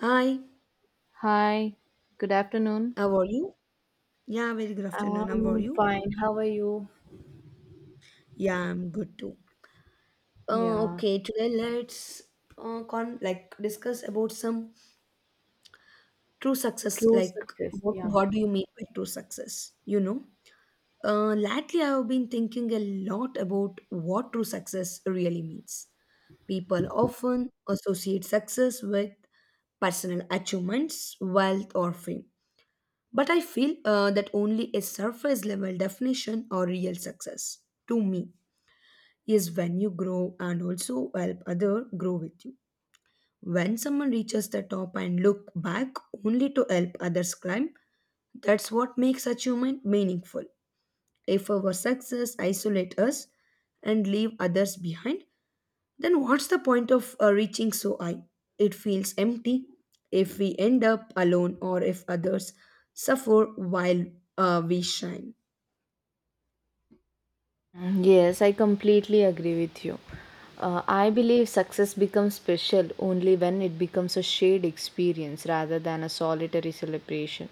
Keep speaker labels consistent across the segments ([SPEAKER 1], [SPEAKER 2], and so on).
[SPEAKER 1] Hi,
[SPEAKER 2] Hi, good afternoon.
[SPEAKER 1] how are you? Yeah, very good afternoon. How are
[SPEAKER 2] I'm
[SPEAKER 1] you?
[SPEAKER 2] fine. How are you?
[SPEAKER 1] Yeah, I'm good too.
[SPEAKER 2] Yeah,
[SPEAKER 1] Okay, today let's con like discuss about some true success.
[SPEAKER 2] true
[SPEAKER 1] Like,
[SPEAKER 2] success.
[SPEAKER 1] what
[SPEAKER 2] Yeah.
[SPEAKER 1] what do you mean by true success? Lately I have been thinking a lot about what true success really means. People often associate success with personal achievements, wealth, or fame. But I feel that only a surface level definition or real success to me. Is when you grow and also help other grow with you. When someone reaches the top and look back only to help others climb, that's what makes achievement meaningful. If our success isolate us and leave others behind, then what's the point of reaching so high? It feels empty if we end up alone or if others suffer while we shine.
[SPEAKER 2] Mm, yes, I completely agree with you. I believe success becomes special only when it becomes a shared experience rather than a solitary celebration.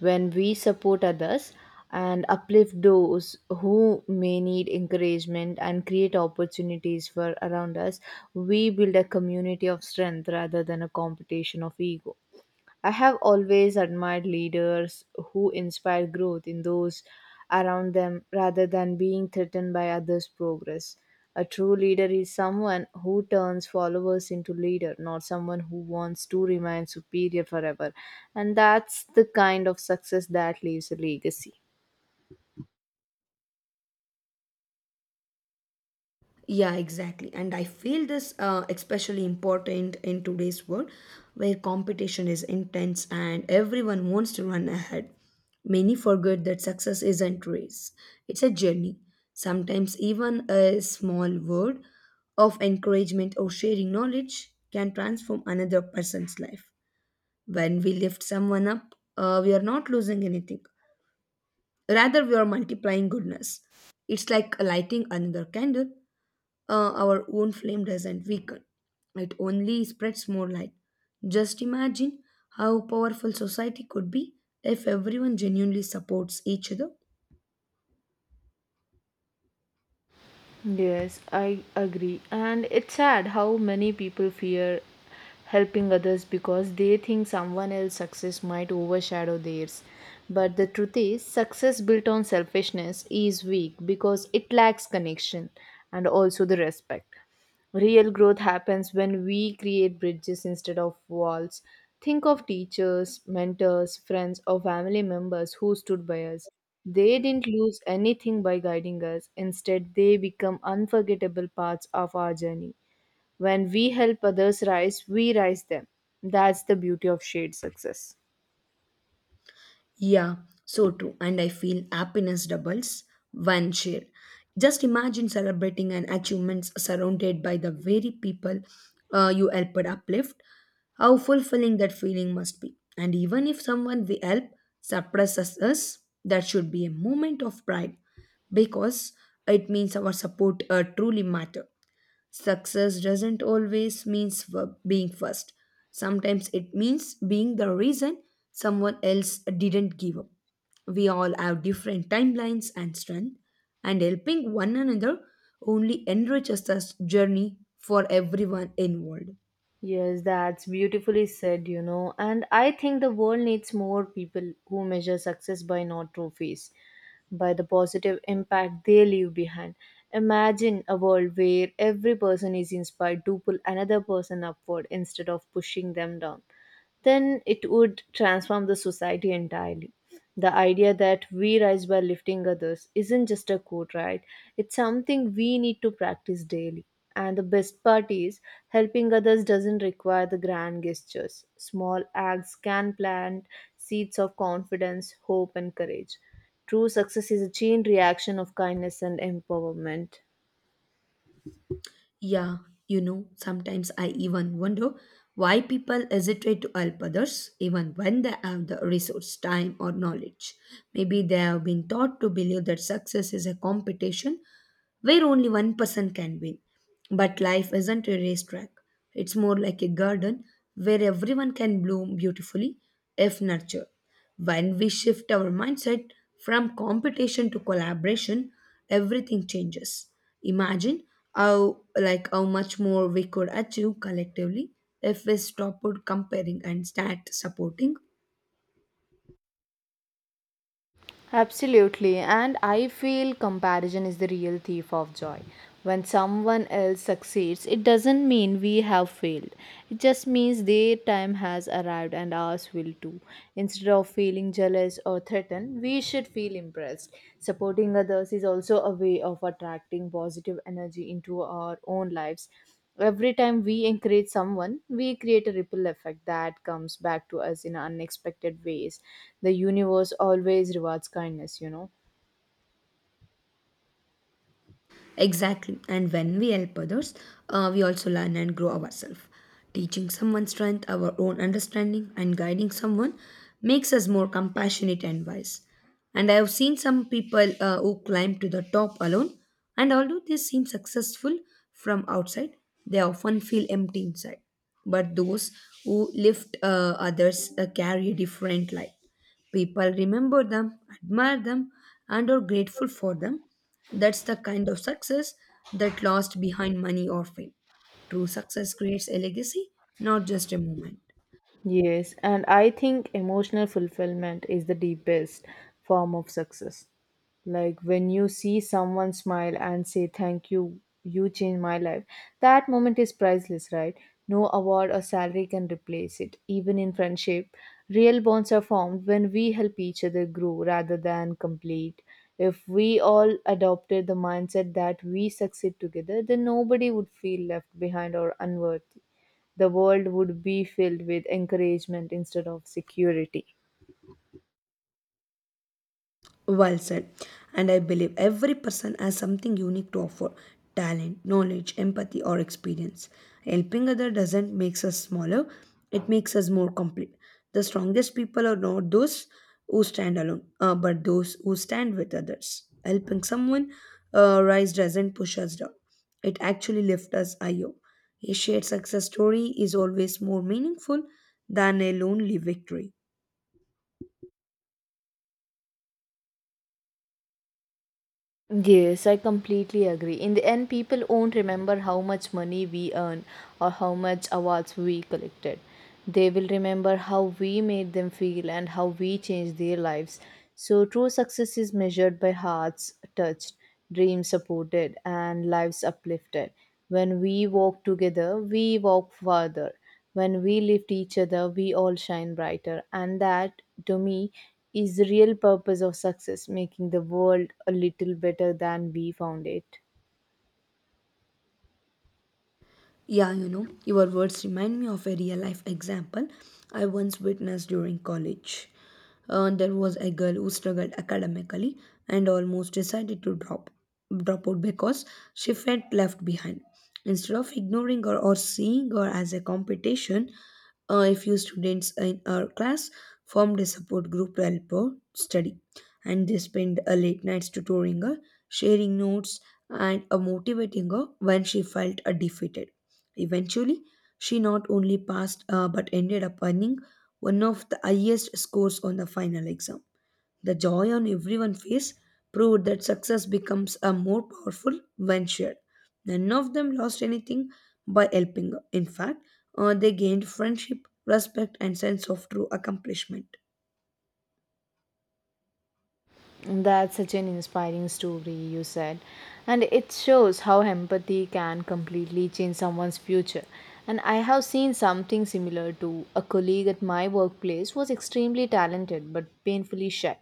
[SPEAKER 2] When we support others and uplift those who may need encouragement and create opportunities for around us, we build a community of strength rather than a competition of ego. I have always admired leaders who inspire growth in those around them rather than being threatened by others' progress. A true leader is someone who turns followers into leader, not someone who wants to remain superior forever. And that's the kind of success that leaves a legacy.
[SPEAKER 1] Yeah, exactly. And I feel this especially important in today's world where competition is intense and everyone wants to run ahead. Many forget that success isn't race. It's a journey. Sometimes even a small word of encouragement or sharing knowledge can transform another person's life. When we lift someone up, we are not losing anything. Rather, we are multiplying goodness. It's like lighting another candle. Our own flame doesn't weaken, it only spreads more light. Just imagine how powerful society could be if everyone genuinely supports each other.
[SPEAKER 2] Yes, I agree. And it's sad how many people fear helping others because they think someone else's success might overshadow theirs. But the truth is, success built on selfishness is weak because it lacks connection and also the respect. Real growth happens when we create bridges instead of walls. Think of teachers, mentors, friends, or family members who stood by us. They didn't lose anything by guiding us. Instead, they become unforgettable parts of our journey. When we help others rise, we rise them. That's the beauty of shared success.
[SPEAKER 1] Yeah, so true. And I feel happiness doubles when shared. Just imagine celebrating an achievements surrounded by the very people you helped uplift. How fulfilling that feeling must be. And even if someone we help suppresses us, that should be a moment of pride because it means our support truly matter. Success doesn't always mean being first. Sometimes it means being the reason someone else didn't give up. We all have different timelines and strength, and helping one another only enriches this journey for everyone involved.
[SPEAKER 2] Yes, that's beautifully said, you know. And I think the world needs more people who measure success by not trophies, by the positive impact they leave behind. Imagine a world where every person is inspired to pull another person upward instead of pushing them down, then it would transform the society entirely. The idea that we rise by lifting others isn't just a quote, right? It's something we need to practice daily. And the best part is, helping others doesn't require the grand gestures. Small acts can plant seeds of confidence, hope, and courage. True success is a chain reaction of kindness and empowerment.
[SPEAKER 1] Yeah, you know, sometimes I even wonder why people hesitate to help others even when they have the resource, time, or knowledge. Maybe they have been taught to believe that success is a competition where only one person can win. But life isn't a racetrack, it's more like a garden where everyone can bloom beautifully if nurtured. When we shift our mindset from competition to collaboration, everything changes. Imagine how much more we could achieve collectively if we stopped comparing and start supporting.
[SPEAKER 2] Absolutely, and I feel comparison is the real thief of joy. When someone else succeeds, it doesn't mean we have failed. It just means their time has arrived and ours will too. Instead of feeling jealous or threatened, we should feel impressed. Supporting others is also a way of attracting positive energy into our own lives. Every time we encourage someone, we create a ripple effect that comes back to us in unexpected ways. The universe always rewards kindness, you know.
[SPEAKER 1] Exactly. And when we help others, we also learn and grow ourselves. Teaching someone strength, our own understanding, and guiding someone makes us more compassionate and wise. And I have seen some people who climb to the top alone, and although they seem successful from outside, they often feel empty inside. But those who lift others carry a different light. People remember them, admire them, and are grateful for them. That's the kind of success that lasts behind money or fame. True success creates a legacy, not just a moment.
[SPEAKER 2] Yes, and I think emotional fulfillment is the deepest form of success. Like when you see someone smile and say, "Thank you, you changed my life," that moment is priceless, right? No award or salary can replace it. Even in friendship, real bonds are formed when we help each other grow rather than complete. If we all adopted the mindset that we succeed together, then nobody would feel left behind or unworthy. The world would be filled with encouragement instead of security.
[SPEAKER 1] Well said. And I believe every person has something unique to offer talent, knowledge, empathy, or experience. Helping others doesn't make us smaller, it makes us more complete. The strongest people are not those who stand alone, but those who stand with others. Helping someone rise doesn't push us down, it actually lifts us higher. A shared success story is always more meaningful than a lonely victory.
[SPEAKER 2] Yes, I completely agree. In the end, people won't remember how much money we earn or how much awards we collected. They will remember how we made them feel and how we changed their lives. So, true success is measured by hearts touched, dreams supported, and lives uplifted. When we walk together, we walk further. When we lift each other, we all shine brighter. And that, to me, is the real purpose of success, making the world a little better than we found it.
[SPEAKER 1] Yeah, you know, your words remind me of a real life example I once witnessed during college. There was a girl who struggled academically and almost decided to drop out because she felt left behind. Instead of ignoring her or seeing her as a competition, a few students in our class formed a support group to help her study, and they spent late nights tutoring her, sharing notes, and motivating her when she felt defeated. Eventually, she not only passed but ended up earning one of the highest scores on the final exam. The joy on everyone's face proved that success becomes a more powerful when shared. None of them lost anything by helping her. In fact, they gained friendship, respect, and sense of true accomplishment.
[SPEAKER 2] That's such an inspiring story, you said. And it shows how empathy can completely change someone's future. And I have seen something similar. To a colleague at my workplace was extremely talented but painfully shy.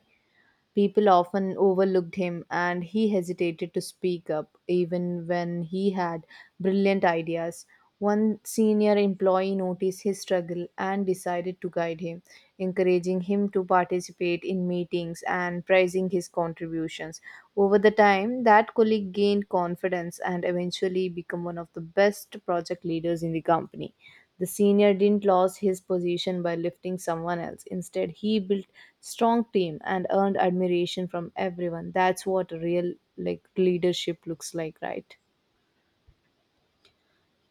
[SPEAKER 2] People often overlooked him, and he hesitated to speak up even when he had brilliant ideas. One senior employee noticed his struggle and decided to guide him, encouraging him to participate in meetings and praising his contributions. Over the time, that colleague gained confidence and eventually became one of the best project leaders in the company. The senior didn't lose his position by lifting someone else. Instead, he built strong team and earned admiration from everyone. That's what real like leadership looks like, right?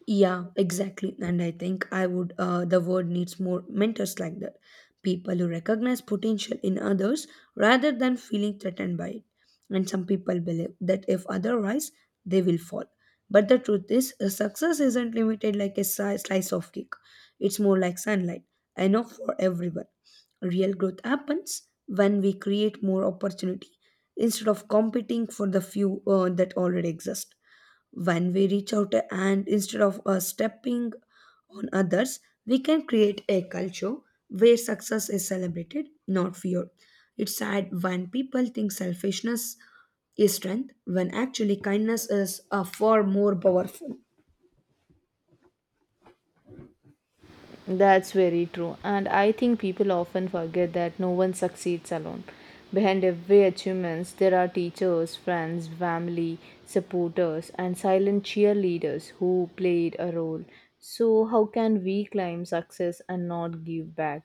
[SPEAKER 1] Yeah, exactly. And I think the world needs more mentors like that. People who recognize potential in others rather than feeling threatened by it. And some people believe that if otherwise, they will fall. But the truth is, success isn't limited like a slice of cake, it's more like sunlight, enough for everyone. Real growth happens when we create more opportunity instead of competing for the few that already exist. When we reach out and instead of stepping on others, we can create a culture where success is celebrated, not feared. It's sad when people think selfishness is strength, when actually kindness is far more powerful.
[SPEAKER 2] That's very true. And I think people often forget that no one succeeds alone. Behind every achievements, there are teachers, friends, family, supporters, and silent cheerleaders who played a role. So how can we claim success and not give back?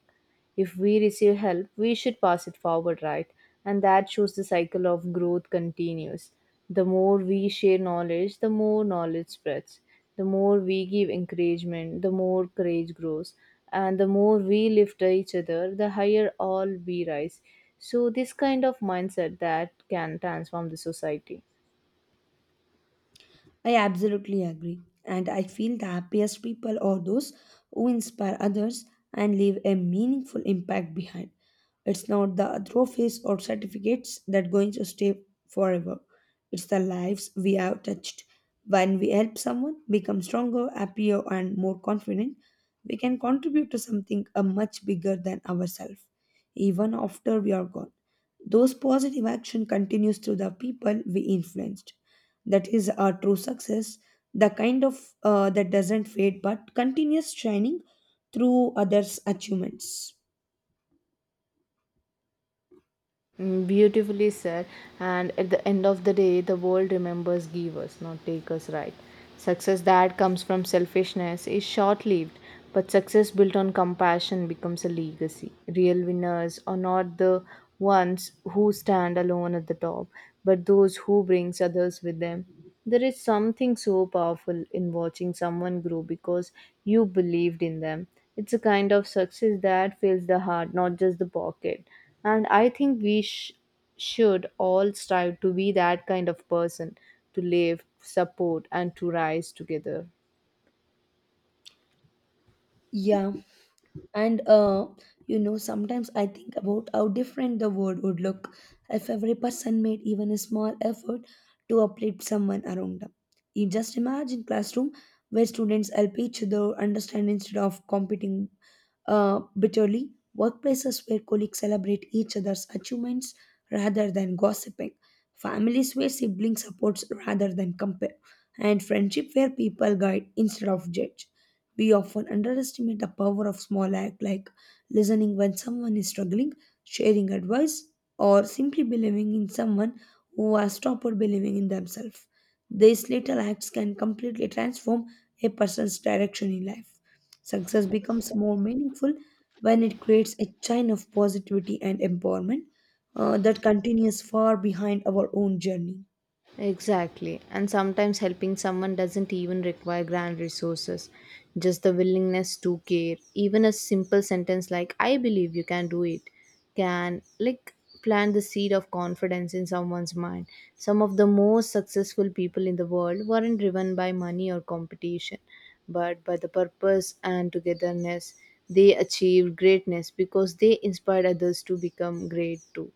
[SPEAKER 2] If we receive help, we should pass it forward, right? And that shows the cycle of growth continues. The more we share knowledge, the more knowledge spreads. The more we give encouragement, the more courage grows. And the more we lift each other, the higher all we rise. So, this kind of mindset that can transform the society.
[SPEAKER 1] I absolutely agree. And I feel the happiest people are those who inspire others and leave a meaningful impact behind. It's not the trophies or certificates that going to stay forever. It's the lives we have touched. When we help someone become stronger, happier, and more confident, we can contribute to something much bigger than ourselves, even after we are gone. Those positive action continues through the people we influenced, that is our true success, the kind of that doesn't fade but continues shining through others achievements.
[SPEAKER 2] Mm, beautifully said. And at the end of the day, the world remembers givers, not takers, right? Success that comes from selfishness is short lived, but success built on compassion becomes a legacy. Real winners are not the ones who stand alone at the top, but those who brings others with them. There is something so powerful in watching someone grow because you believed in them. It's a kind of success that fills the heart, not just the pocket. And I think we should all strive to be that kind of person, to live, support, and to rise together.
[SPEAKER 1] Yeah. And you know, sometimes I think about how different the world would look if every person made even a small effort to uplift someone around them. You just imagine classroom where students help each other understand instead of competing bitterly, workplaces where colleagues celebrate each other's achievements rather than gossiping, families where siblings support rather than compare, and friendship where people guide instead of judge. We often underestimate the power of small acts like listening when someone is struggling, sharing advice, or simply believing in someone who has stopped believing in themselves. These little acts can completely transform a person's direction in life. Success becomes more meaningful when it creates a chain of positivity and empowerment that continues far behind our own journey.
[SPEAKER 2] Exactly. And sometimes helping someone doesn't even require grand resources, just the willingness to care. Even a simple sentence like, "I believe you can do it," can like plant the seed of confidence in someone's mind. Some of the most successful people in the world weren't driven by money or competition, but by the purpose and togetherness. They achieved greatness because they inspired others to become great too.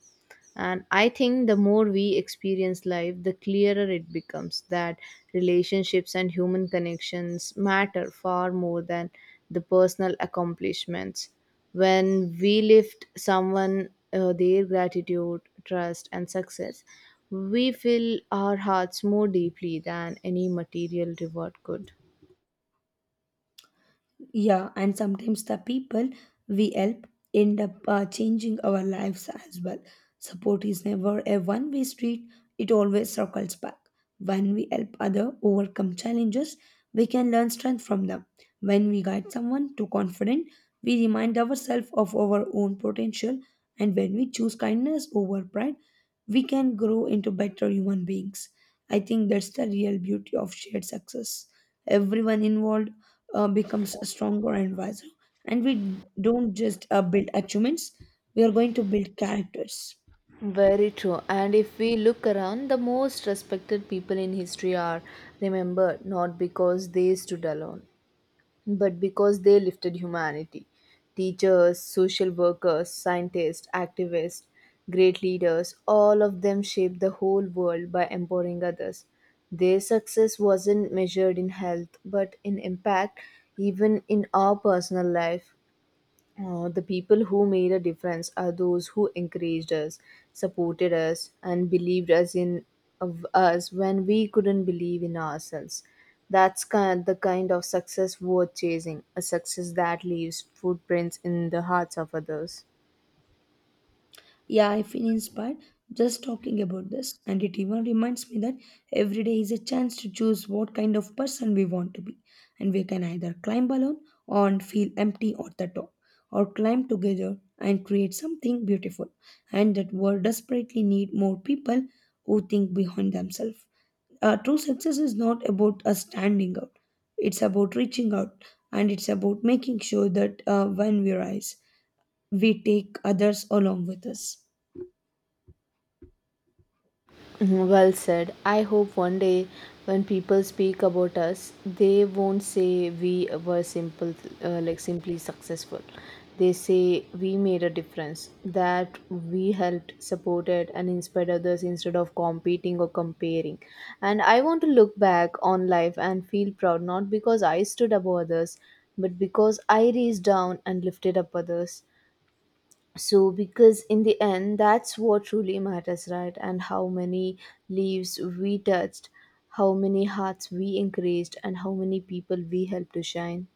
[SPEAKER 2] And I think the more we experience life, the clearer it becomes that relationships and human connections matter far more than the personal accomplishments. When we lift someone, their gratitude, trust, and success, we fill our hearts more deeply than any material reward could.
[SPEAKER 1] Yeah, and sometimes the people we help end up changing our lives as well. Support is never a one-way street; it always circles back. When we help other overcome challenges, we can learn strength from them. When we guide someone too confident, we remind ourselves of our own potential. And when we choose kindness over pride, we can grow into better human beings. I think that's the real beauty of shared success. Everyone involved becomes stronger and wiser. And we don't just build achievements, we are going to build characters.
[SPEAKER 2] Very true. And if we look around, the most respected people in history are remembered not because they stood alone, but because they lifted humanity. Teachers, social workers, scientists, activists, great leaders, all of them shaped the whole world by empowering others. Their success wasn't measured in health, but in impact, even in our personal life. The people who made a difference are those who encouraged us, supported us, and believed us in of us when we couldn't believe in ourselves. That's kind the kind of success worth chasing, a success that leaves footprints in the hearts of others.
[SPEAKER 1] Yeah, I feel inspired just talking about this. And it even reminds me that every day is a chance to choose what kind of person we want to be. And we can either climb alone and feel empty at the top, or climb together and create something beautiful. And that world desperately need more people who think beyond themselves. True success is not about us standing out, it's about reaching out, and it's about making sure that when we rise, we take others along with us.
[SPEAKER 2] Mhm, well said. I hope one day when people speak about us, they won't say we were simple, like simply successful. They say we made a difference, that we helped, supported, and inspired others instead of competing or comparing. And I want to look back on life and feel proud, not because I stood above others, but because I reached down and lifted up others, so because in the end that's what truly matters, right? And how many leaves we touched, how many hearts we encouraged, and how many people we helped to shine.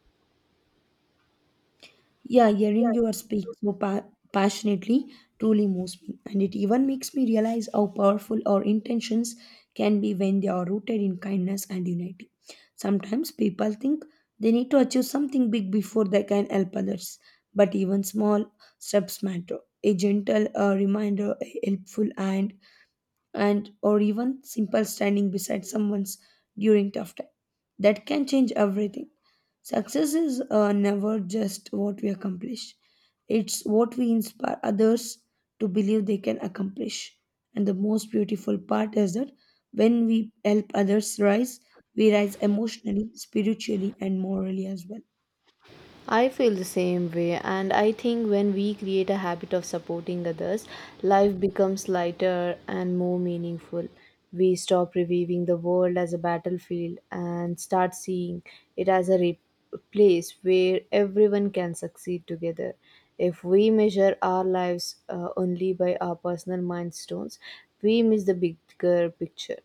[SPEAKER 1] Yeah, hearing you speak so passionately truly moves me, and it even makes me realize how powerful our intentions can be when they are rooted in kindness and unity. Sometimes people think they need to achieve something big before they can help others, but even small steps matter. A gentle reminder, a helpful hand, and or even simple standing beside someone's during tough time, that can change everything. Success is never just what we accomplish, it's what we inspire others to believe they can accomplish. And the most beautiful part is that when we help others rise, we rise emotionally, spiritually, and morally as well.
[SPEAKER 2] I feel the same way, and I think when we create a habit of supporting others, life becomes lighter and more meaningful. We stop reviewing the world as a battlefield and start seeing it as a place where everyone can succeed together. If we measure our lives only by our personal milestones, we miss the bigger picture.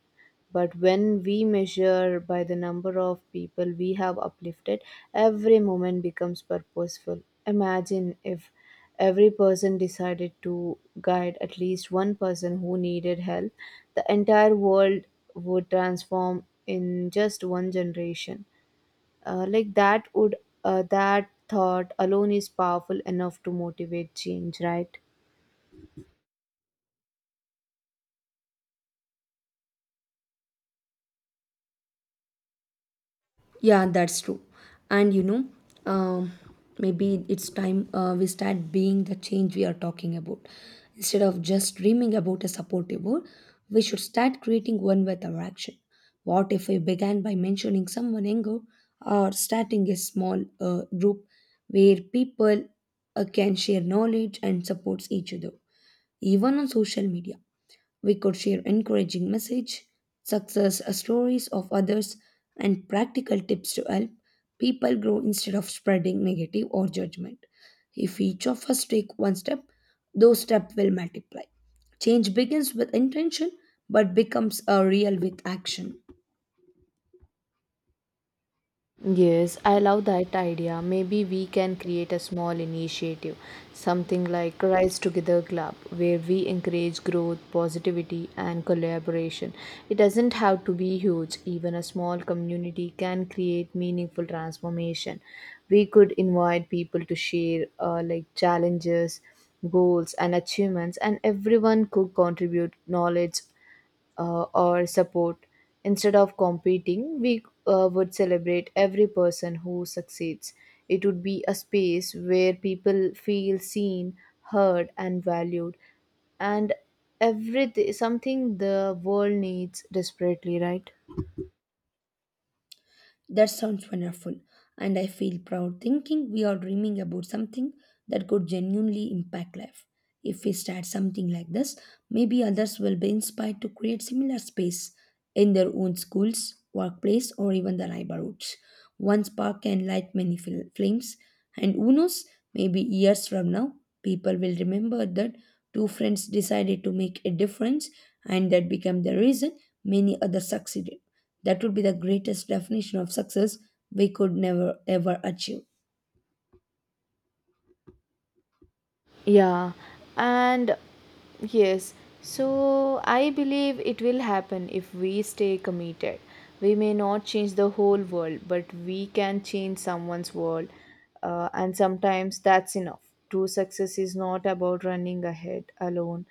[SPEAKER 2] But when we measure by the number of people we have uplifted, every moment becomes purposeful. Imagine if every person decided to guide at least one person who needed help, the entire world would transform in just one generation. Uh, like that would that thought alone is powerful enough to motivate change, right?
[SPEAKER 1] Yeah, that's true. And you know, um, maybe it's time we start being the change we are talking about. Instead of just dreaming about a supportive world, we should start creating one with our action. What if we began by mentioning someone younger or starting a small group where people can share knowledge and supports each other, even on social media? We could share encouraging message, success stories of others, and practical tips to help people grow instead of spreading negative or judgment. If each of us take one step, those steps will multiply. Change begins with intention but becomes a real with action.
[SPEAKER 2] Yes, I love that idea. Maybe we can create a small initiative, something like Rise Together Club, where we encourage growth, positivity, and collaboration. It doesn't have to be huge, even a small community can create meaningful transformation. We could invite people to share like challenges, goals, and achievements, and everyone could contribute knowledge or support. Instead of competing, we would celebrate every person who succeeds. It would be a space where people feel seen, heard, and valued. And everything, something the world needs desperately, right?
[SPEAKER 1] That sounds wonderful, and I feel proud thinking we are dreaming about something that could genuinely impact life. If we start something like this, maybe others will be inspired to create similar space in their own schools, workplace, or even the neighborhoods. One spark can light many flames, and who knows, maybe years from now, people will remember that two friends decided to make a difference and that became the reason many others succeeded. That would be the greatest definition of success we could never ever achieve.
[SPEAKER 2] Yeah, and yes, so I believe it will happen if we stay committed. We may not change the whole world, but we can change someone's world, and sometimes that's enough. True success is not about running ahead alone,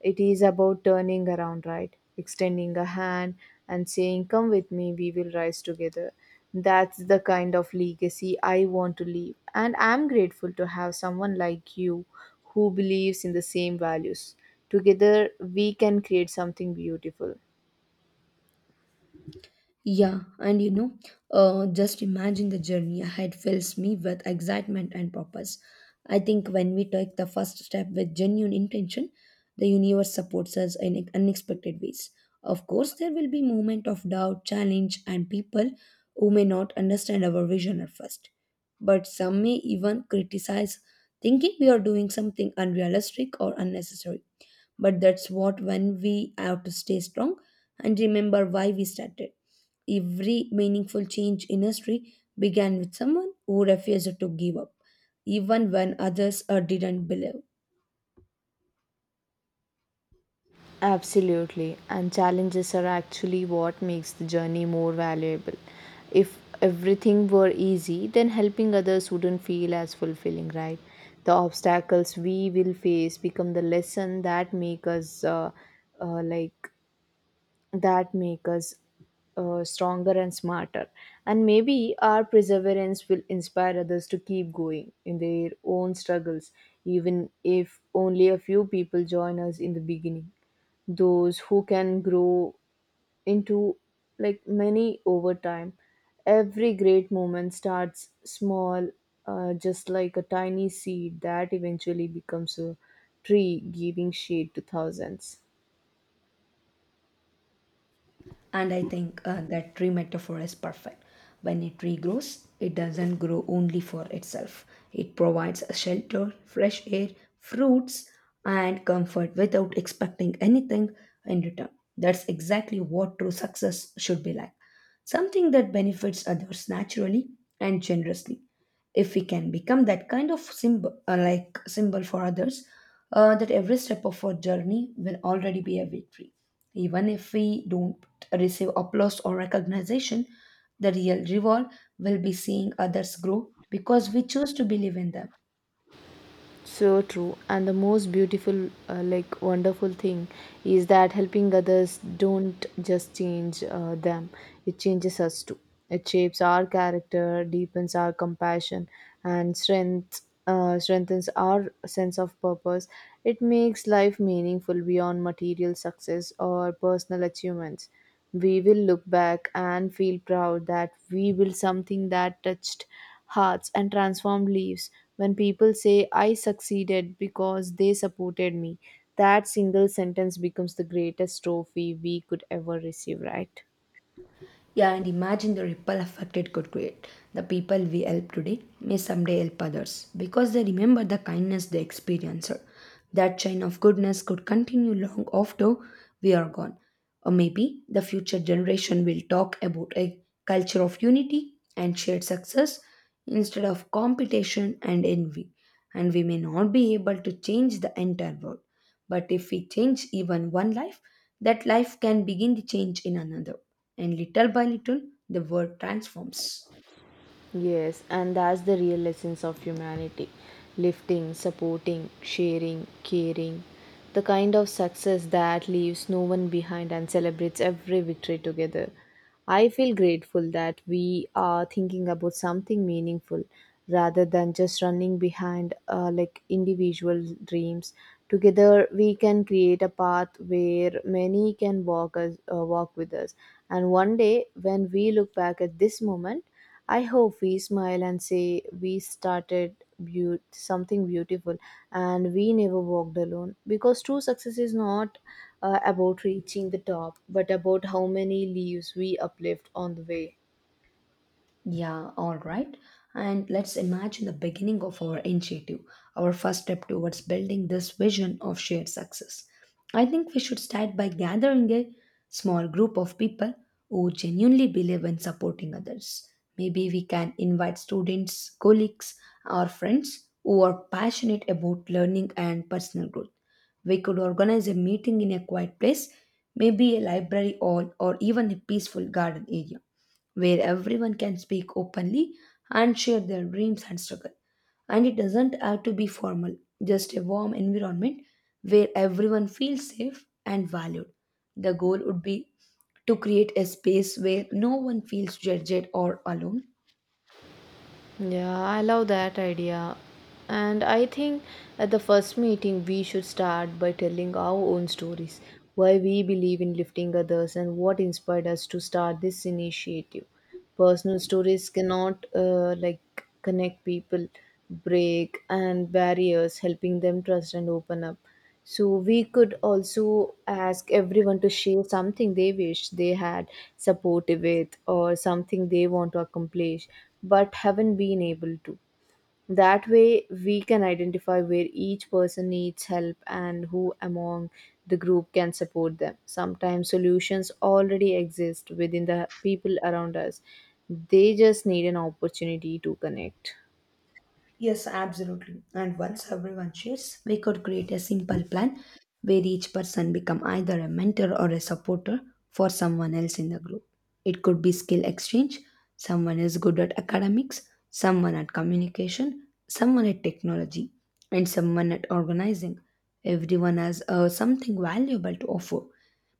[SPEAKER 2] it is about turning around, right? Extending a hand and saying, "Come with me, we will rise together." That's the kind of legacy I want to leave. And I'm grateful to have someone like you who believes in the same values. Together, we can create something beautiful.
[SPEAKER 1] Yeah, and just imagine the journey ahead fills me with excitement and purpose. I think when we take the first step with genuine intention, the universe supports us in unexpected ways. Of course, there will be moment of doubt, challenge, and people who may not understand our vision at first. But some may even criticize, thinking we are doing something unrealistic or unnecessary. But that's what when we have to stay strong and remember why we started. Every meaningful change in history began with someone who refused to give up, even when others didn't believe.
[SPEAKER 2] Absolutely, and challenges are actually what makes the journey more valuable. If everything were easy, then helping others wouldn't feel as fulfilling, right? The obstacles we will face become the lesson that make uh, like us stronger and smarter. And maybe our perseverance will inspire others to keep going in their own struggles, even if only a few people join us in the beginning, those who can grow into like many over time. Every great moment starts small, just like a tiny seed that eventually becomes a tree giving shade to thousands.
[SPEAKER 1] And I think that tree metaphor is perfect. When a tree grows, it doesn't grow only for itself, it provides a shelter, fresh air, fruits, and comfort without expecting anything in return. That's exactly what true success should be like something that benefits others naturally and generously. If we can become that kind of symbol, like symbol for others, that every step of our journey will already be a victory. Even if we don't receive applause or recognition, the real reward will be seeing others grow because we choose to believe in them.
[SPEAKER 2] So true. And the most beautiful, wonderful thing is that helping others don't just change them, it changes us too. It shapes our character, deepens our compassion, and strengthens our sense of purpose. It makes life meaningful beyond material success or personal achievements. We will look back and feel proud that we built something that touched hearts and transformed lives. When people say, "I succeeded because they supported me," that single sentence becomes the greatest trophy we could ever receive, right?
[SPEAKER 1] Yeah, and imagine the ripple effect it could create. The people we help today may someday help others because they remember the kindness they experienced. That chain of goodness could continue long after we are gone. Or maybe the future generation will talk about a culture of unity and shared success instead of competition and envy. And we may not be able to change the entire world, but if we change even one life, that life can begin the change in another. And little by little, the world transforms.
[SPEAKER 2] Yes, and that's the real essence of humanity: lifting, supporting, sharing, caring. The kind of success that leaves no one behind and celebrates every victory together. I feel grateful that we are thinking about something meaningful rather than just running behind individual dreams. Together, we can create a path where many can walk with us. And one day, when we look back at this moment, I hope we smile and say we started something beautiful and we never walked alone. Because true success is not about reaching the top, but about how many leaves we uplift on the way.
[SPEAKER 1] Yeah, all right. And let's imagine the beginning of our initiative, our first step towards building this vision of shared success. I think we should start by gathering a small group of people who genuinely believe in supporting others. Maybe we can invite students, colleagues, or friends who are passionate about learning and personal growth. We could organize a meeting in a quiet place, maybe a library hall, or even a peaceful garden area where everyone can speak openly and share their dreams and struggle. And it doesn't have to be formal, just a warm environment where everyone feels safe and valued. The goal would be to create a space where no one feels judged or alone.
[SPEAKER 2] Yeah, I love that idea. And I think at the first meeting, we should start by telling our own stories, why we believe in lifting others, and what inspired us to start this initiative. Personal stories cannot connect people, break and barriers, helping them trust and open up. So we could also ask everyone to share something they wish they had supported with, or something they want to accomplish but haven't been able to. That way we can identify where each person needs help and who among the group can support them. Sometimes solutions already exist within the people around us. They just need an opportunity to connect.
[SPEAKER 1] Yes, absolutely. And once everyone shares, we could create a simple plan where each person become either a mentor or a supporter for someone else in the group. It could be skill exchange, someone is good at academics, someone at communication, someone at technology, and someone at organizing. Everyone has something valuable to offer,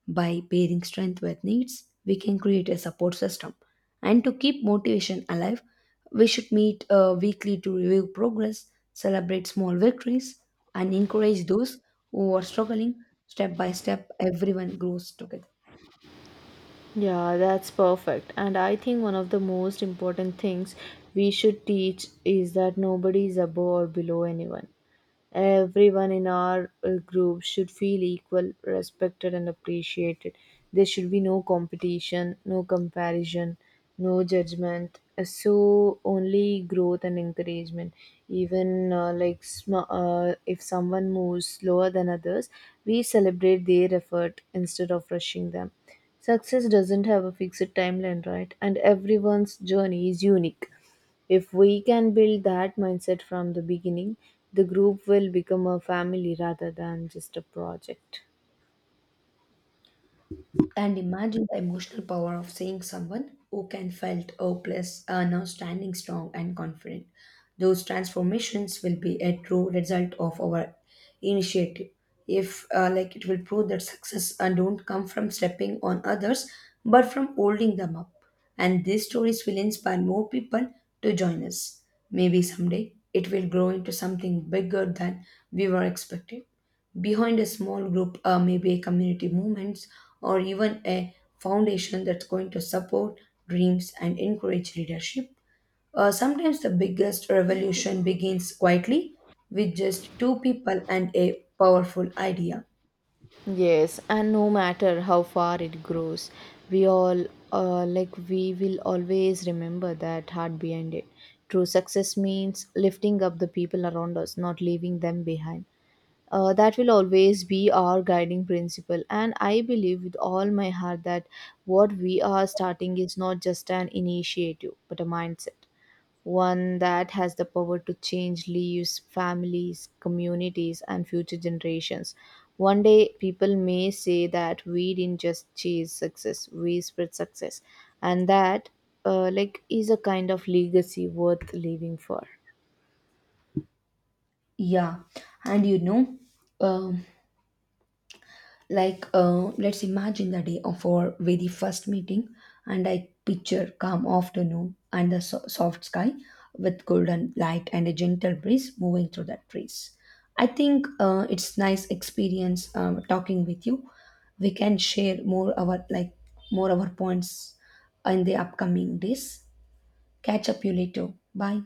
[SPEAKER 1] by pairing strength with needs, we can create a support system. And to keep motivation alive, we should meet weekly to review progress, celebrate small victories, and encourage those who are struggling. Step by step, everyone grows together.
[SPEAKER 2] Yeah, that's perfect. And I think one of the most important things we should teach is that nobody is above or below anyone. Everyone in our group should feel equal, respected, and appreciated. There should be no competition, no comparison, no judgment. So only growth and encouragement. Even if someone moves slower than others, we celebrate their effort instead of rushing them. Success doesn't have a fixed timeline, right? And everyone's journey is unique. If we can build that mindset from the beginning, the group will become a family rather than just a project.
[SPEAKER 1] And imagine the emotional power of seeing someone who can felt hopeless are now standing strong and confident. Those transformations will be a true result of our initiative. If it will prove that success don't come from stepping on others, but from holding them up. And these stories will inspire more people to join us. Maybe someday it will grow into something bigger than we were expecting behind a small group, maybe a community movements, or even a foundation that's going to support dreams and encourage leadership. Sometimes the biggest revolution begins quietly with just two people and a powerful idea.
[SPEAKER 2] Yes, and no matter how far it grows, we all we will always remember that heart behind it. True success means lifting up the people around us, not leaving them behind. That will always be our guiding principle, and I believe with all my heart that what we are starting is not just an initiative but a mindset, one that has the power to change lives, families, communities, and future generations. One day, people may say that we didn't just chase success, we spread success, and that is a kind of legacy worth living for.
[SPEAKER 1] Yeah, and um, let's imagine the day of our very first meeting, and I picture calm afternoon and the soft sky with golden light and a gentle breeze moving through the trees. I think it's nice experience talking with you. We can share more our points in the upcoming days. Catch up you later. Bye.